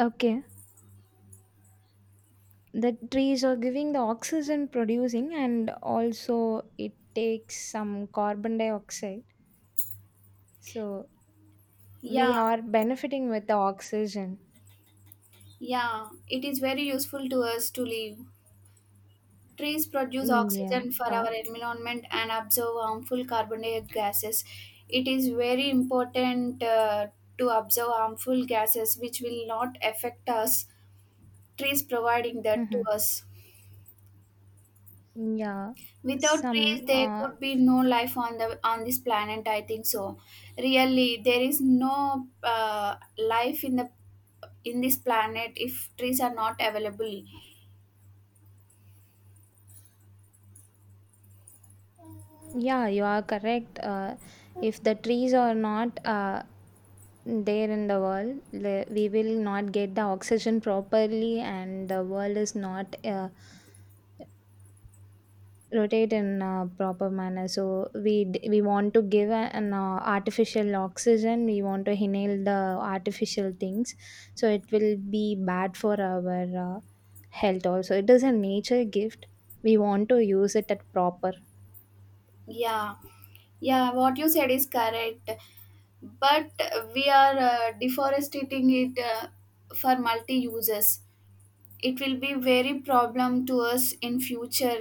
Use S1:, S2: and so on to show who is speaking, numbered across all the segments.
S1: Okay, the trees are giving the oxygen producing, and also it takes some carbon dioxide. So we
S2: Yeah,
S1: are benefiting with the oxygen.
S2: yeah, it is very useful to us to live. Trees produce
S1: Yeah.
S2: oxygen for our environment and absorb harmful carbon dioxide gases. It is very important to observe harmful gases which will not affect us. Trees providing that to
S1: Mhm.
S2: us.
S1: Yeah.
S2: Without trees,
S1: Some.
S2: there
S1: Uh,
S2: could be no life on the on this planet. I think so. Really, there is no life in the in this planet if trees are not available.
S1: yeah, you are correct. If the trees are not there in the world, we will not get the oxygen properly, and the world is not rotate in a proper manner, so we want to give an artificial oxygen, we want to inhale the artificial things, so it will be bad for our health. Also it is a nature gift, we want to use it at proper.
S2: Yeah, yeah, what you said is correct, but we are deforestating it for multi uses. It will be very problem to us in future.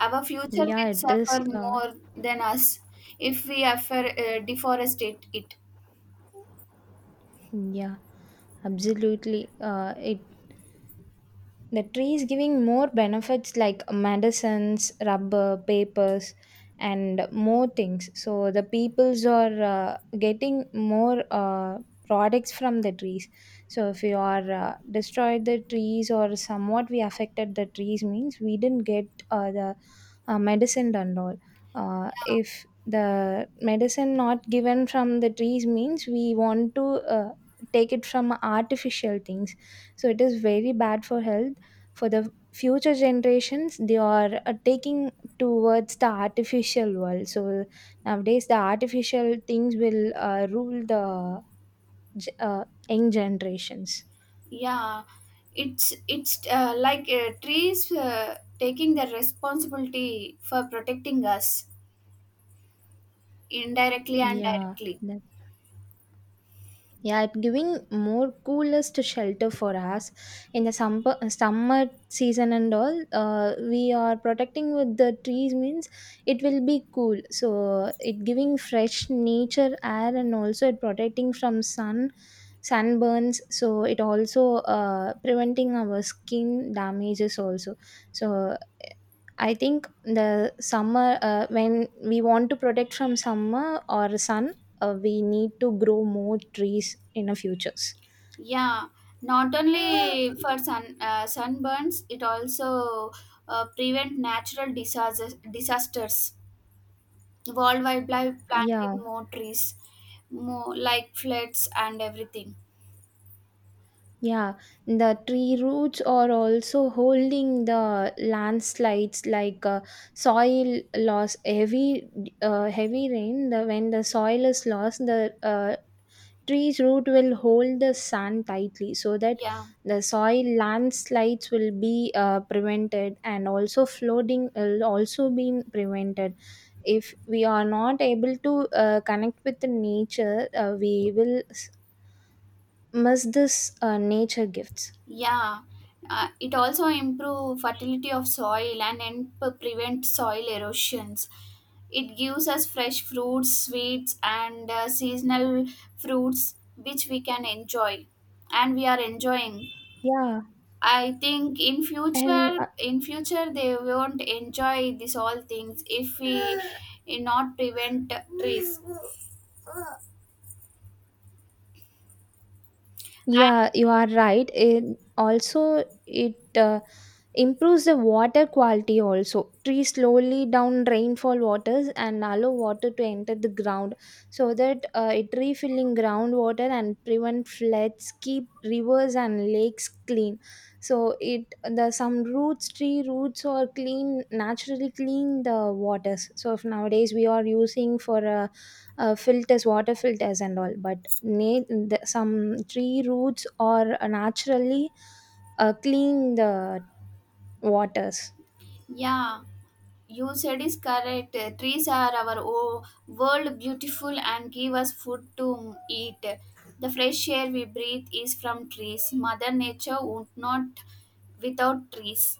S2: Our future
S1: yeah
S2: will
S1: it is
S2: suffer
S1: uh,
S2: more than us if we affer, deforestate it.
S1: yeah absolutely, it, the tree is giving more benefits like medicines, rubber, papers and more things, so the peoples are getting more products from the trees. So if we are destroyed the trees, or somewhat we affected the trees means we didn't get the medicine and all. If the medicine not given from the trees means we want to uh, take it from artificial things, so it is very bad for health. For the future generations, they are taking towards the artificial world, so nowadays the artificial things will rule the ge- uh, young generations.
S2: Yeah, it's like trees taking the responsibility for protecting us indirectly and
S1: yeah
S2: directly.
S1: that- Yeah, it giving more coolest shelter for us in the summer season and all. We are protecting with the trees means it will be cool. So it giving fresh nature air, and also it protecting from sunburns. So it also preventing our skin damages also. So I think the summer, when we want to protect from summer or sun, we need to grow more trees in the futures.
S2: Yeah, not only for sun sunburns, it also prevent natural disasters. World wildlife planted
S1: yeah
S2: more trees, more like floods and everything.
S1: yeah the tree roots are also holding the landslides like, soil loss, heavy heavy rain, when the soil is lost, the tree's root will hold the sand tightly, so that
S2: Yeah,
S1: the soil landslides will be prevented, and also flooding will also be prevented if we are not able to connect with the nature. We will miss this nature gifts.
S2: yeah. It also improve fertility of soil and help prevent soil erosions. It gives us fresh fruits, sweets, and seasonal fruits which we can enjoy, and we are enjoying.
S1: yeah
S2: I think in
S1: and
S2: future, in future they won't enjoy this all things if we not prevent trees.
S1: Yeah, you are right. It also it improves the water quality also. Trees slowly down rainfall waters and allow water to enter the ground, so that it refilling groundwater and prevent floods, keep rivers and lakes clean. So it the tree roots or clean, naturally clean the waters. So if nowadays we are using for filters, water filters and all, but na- some tree roots or naturally clean the waters.
S2: Yeah, you said is correct. Trees are our o- world beautiful and give us food to eat. The fresh air we breathe is from trees. Mother Nature would not without trees.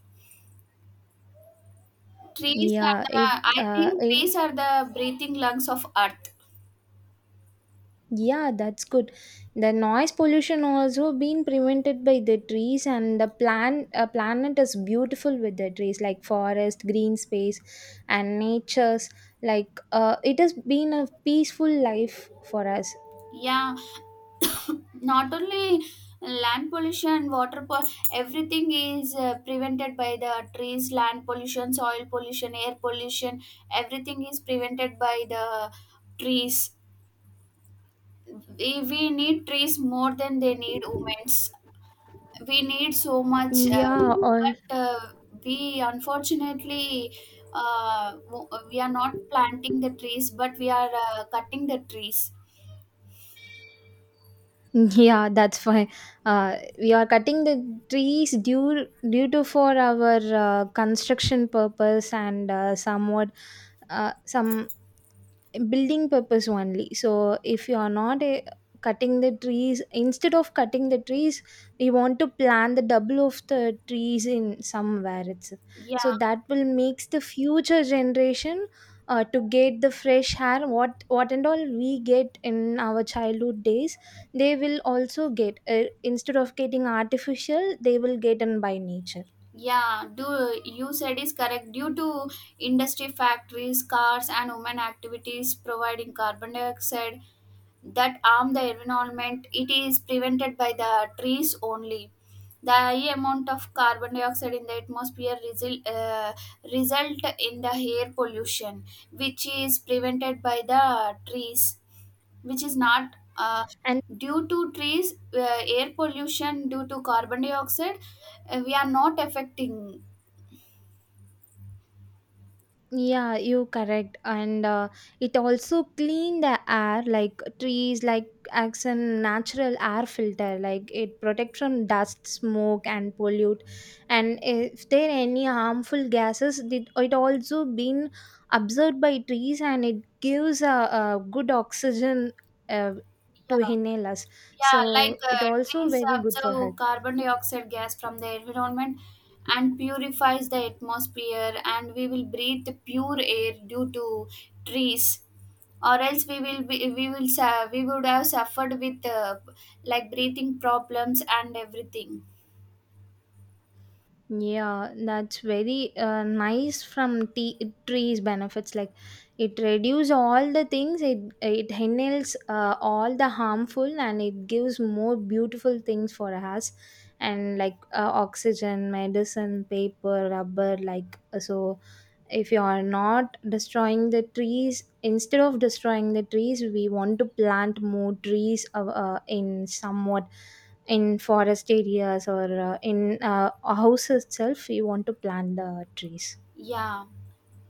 S2: Trees are
S1: yeah it
S2: the I
S1: uh,
S2: think
S1: eh,
S2: trees are the breathing lungs of earth.
S1: yeah that's good. The noise pollution also being prevented by the trees, and the planet is beautiful with the trees, like forest, green space and nature's, like, it has been a peaceful life for us.
S2: Yeah, not only land pollution water po- everything is prevented by the trees, land pollution, soil pollution, air pollution, everything is prevented by the trees. We need trees more than they need humans. We need so much uh,
S1: Yeah or
S2: but uh, we unfortunately we are not planting the trees, but we are cutting the trees.
S1: Yeah, that's why we are cutting the trees due to for our construction purpose and somewhat some building purpose only. So if you are not cutting the trees, instead of cutting the trees we want to plant the double of the trees in somewhere itself, so
S2: Yeah.
S1: that will makes the future generation, to get the fresh air what and all we get in our childhood days, they will also get, instead of getting artificial, they will get in by nature.
S2: Yeah, do you said is correct. Due to industry, factories, cars, and human activities providing carbon dioxide that harm the environment, it is prevented by the trees only. The high amount of carbon dioxide in the atmosphere result in the air pollution, which is prevented by the trees, which is not
S1: And
S2: due to trees. Air pollution due to carbon dioxide, we are not affecting.
S1: yeah, you correct. And it also clean the air like trees, like acts a natural air filter, like it protect from dust, smoke, and pollute. And if there any harmful gases, did it also been absorbed by trees, and it gives a good oxygen uh, to
S2: Yeah.
S1: inhale us.
S2: Yeah, like
S1: So it also
S2: trees
S1: very good for
S2: absorb
S1: health.
S2: carbon dioxide gas from the environment and purifies the atmosphere, and we will breathe pure air due to trees, or else we will be, we will su- we would have suffered with like breathing problems and everything.
S1: Yeah, that's very nice from trees benefits, like it reduce all the things, it handles all the harmful, and it gives more beautiful things for us, and like, oxygen, medicine, paper, rubber like, so if you are not destroying the trees, instead of destroying the trees we want to plant more trees, in somewhat, in forest areas, or in a house itself we want to plant the trees.
S2: Yeah,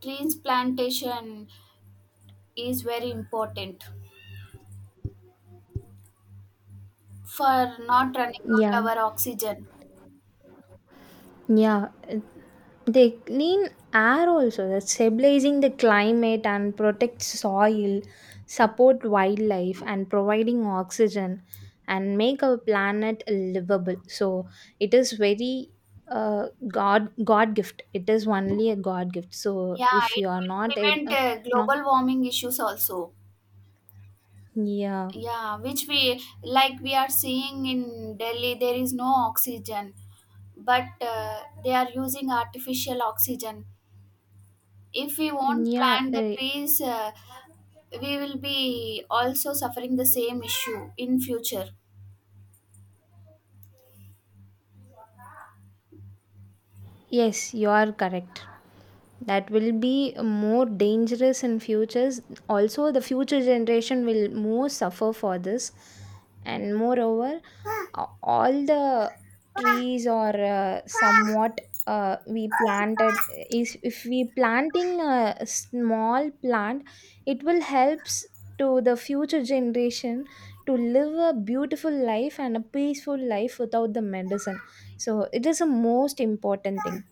S2: trees plantation is very important for not running out
S1: yeah
S2: our oxygen.
S1: Yeah, they clean air also, that's stabilizing the climate and protect soil, support wildlife and providing oxygen, and make our planet livable. So it is very God gift. It is only a God gift. So
S2: Yeah,
S1: if
S2: it
S1: you are
S2: will
S1: not able,
S2: prevent
S1: no,
S2: global warming issues also.
S1: yeah.
S2: Yeah, which we like we are seeing in Delhi, there is no oxygen, but they are using artificial oxygen. If we won't
S1: Yeah,
S2: plant the
S1: uh,
S2: trees, we will be also suffering the same issue in future.
S1: Yes, you are correct. That will be more dangerous in futures. Also, the future generation will more suffer for this. And moreover, all the trees or somewhat we planted is, if we planting a small plant, it will helps to the future generation to live a beautiful life and a peaceful life without the medicine. So it is a most important thing.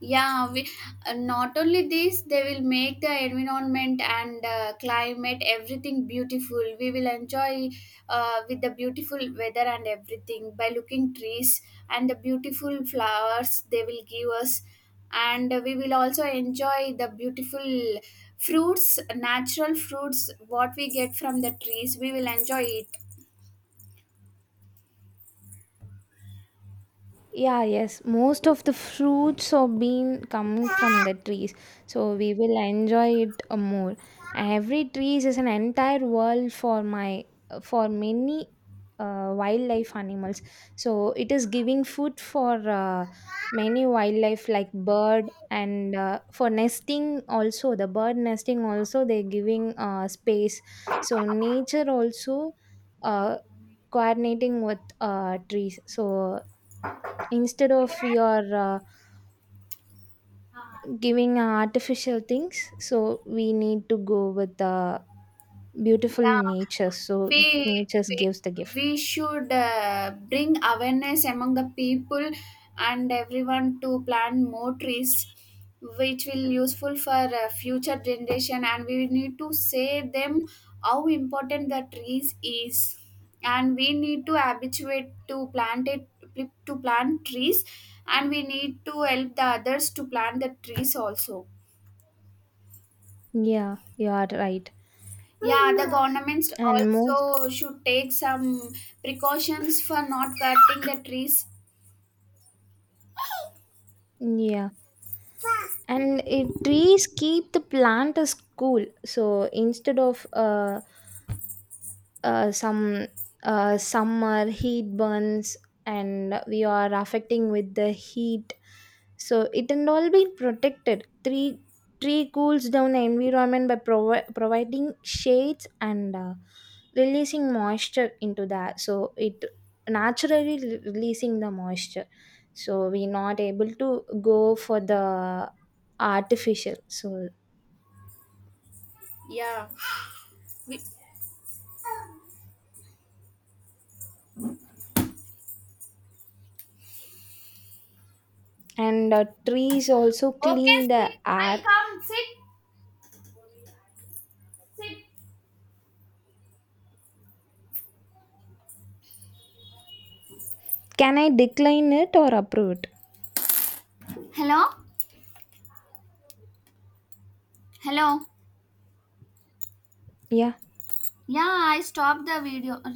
S2: Yeah, not only this, they will make the environment and climate everything beautiful. We will enjoy with the beautiful weather and everything by looking trees and the beautiful flowers they will give us, and we will also enjoy the beautiful fruits, natural fruits, what we get from the trees. We will enjoy it.
S1: Yeah, yes. Most of the fruits have been coming from the trees, so we will enjoy it more. Every trees is an entire world for my, for many wildlife animals. So it is giving food for many wildlife like bird, and for nesting also, the bird nesting also they're giving space. So nature also uh, coordinating with trees. So instead of we are giving artificial things, so we need to go with the beautiful
S2: Yeah,
S1: nature,
S2: we
S1: so nature
S2: we,
S1: gives the gift.
S2: we should bring awareness among the people and everyone to plant more trees, which will useful for future generation, and we need to say them how important the trees is, and we need to habituate to plant trees, and we need to help the others to plant the trees also.
S1: Yeah, you are right.
S2: Yeah, the governments
S1: and most
S2: also should take some precautions for not cutting the trees.
S1: yeah and it, trees keep the plant as cool, so instead of some summer heat burns, and we are affecting with the heat, so it and all be protected. Tree cools down the environment by providing shades, and releasing moisture into that, so it naturally releasing the moisture, so we not able to go for the artificial, so,
S2: Yeah. We-
S1: and trees also
S2: okay,
S1: clean the
S2: sit. I'll
S1: air.
S2: come. Sit, sit.
S1: Can I decline it or approve it?
S2: Hello? Hello?
S1: Yeah.
S2: Yeah, I stopped the video.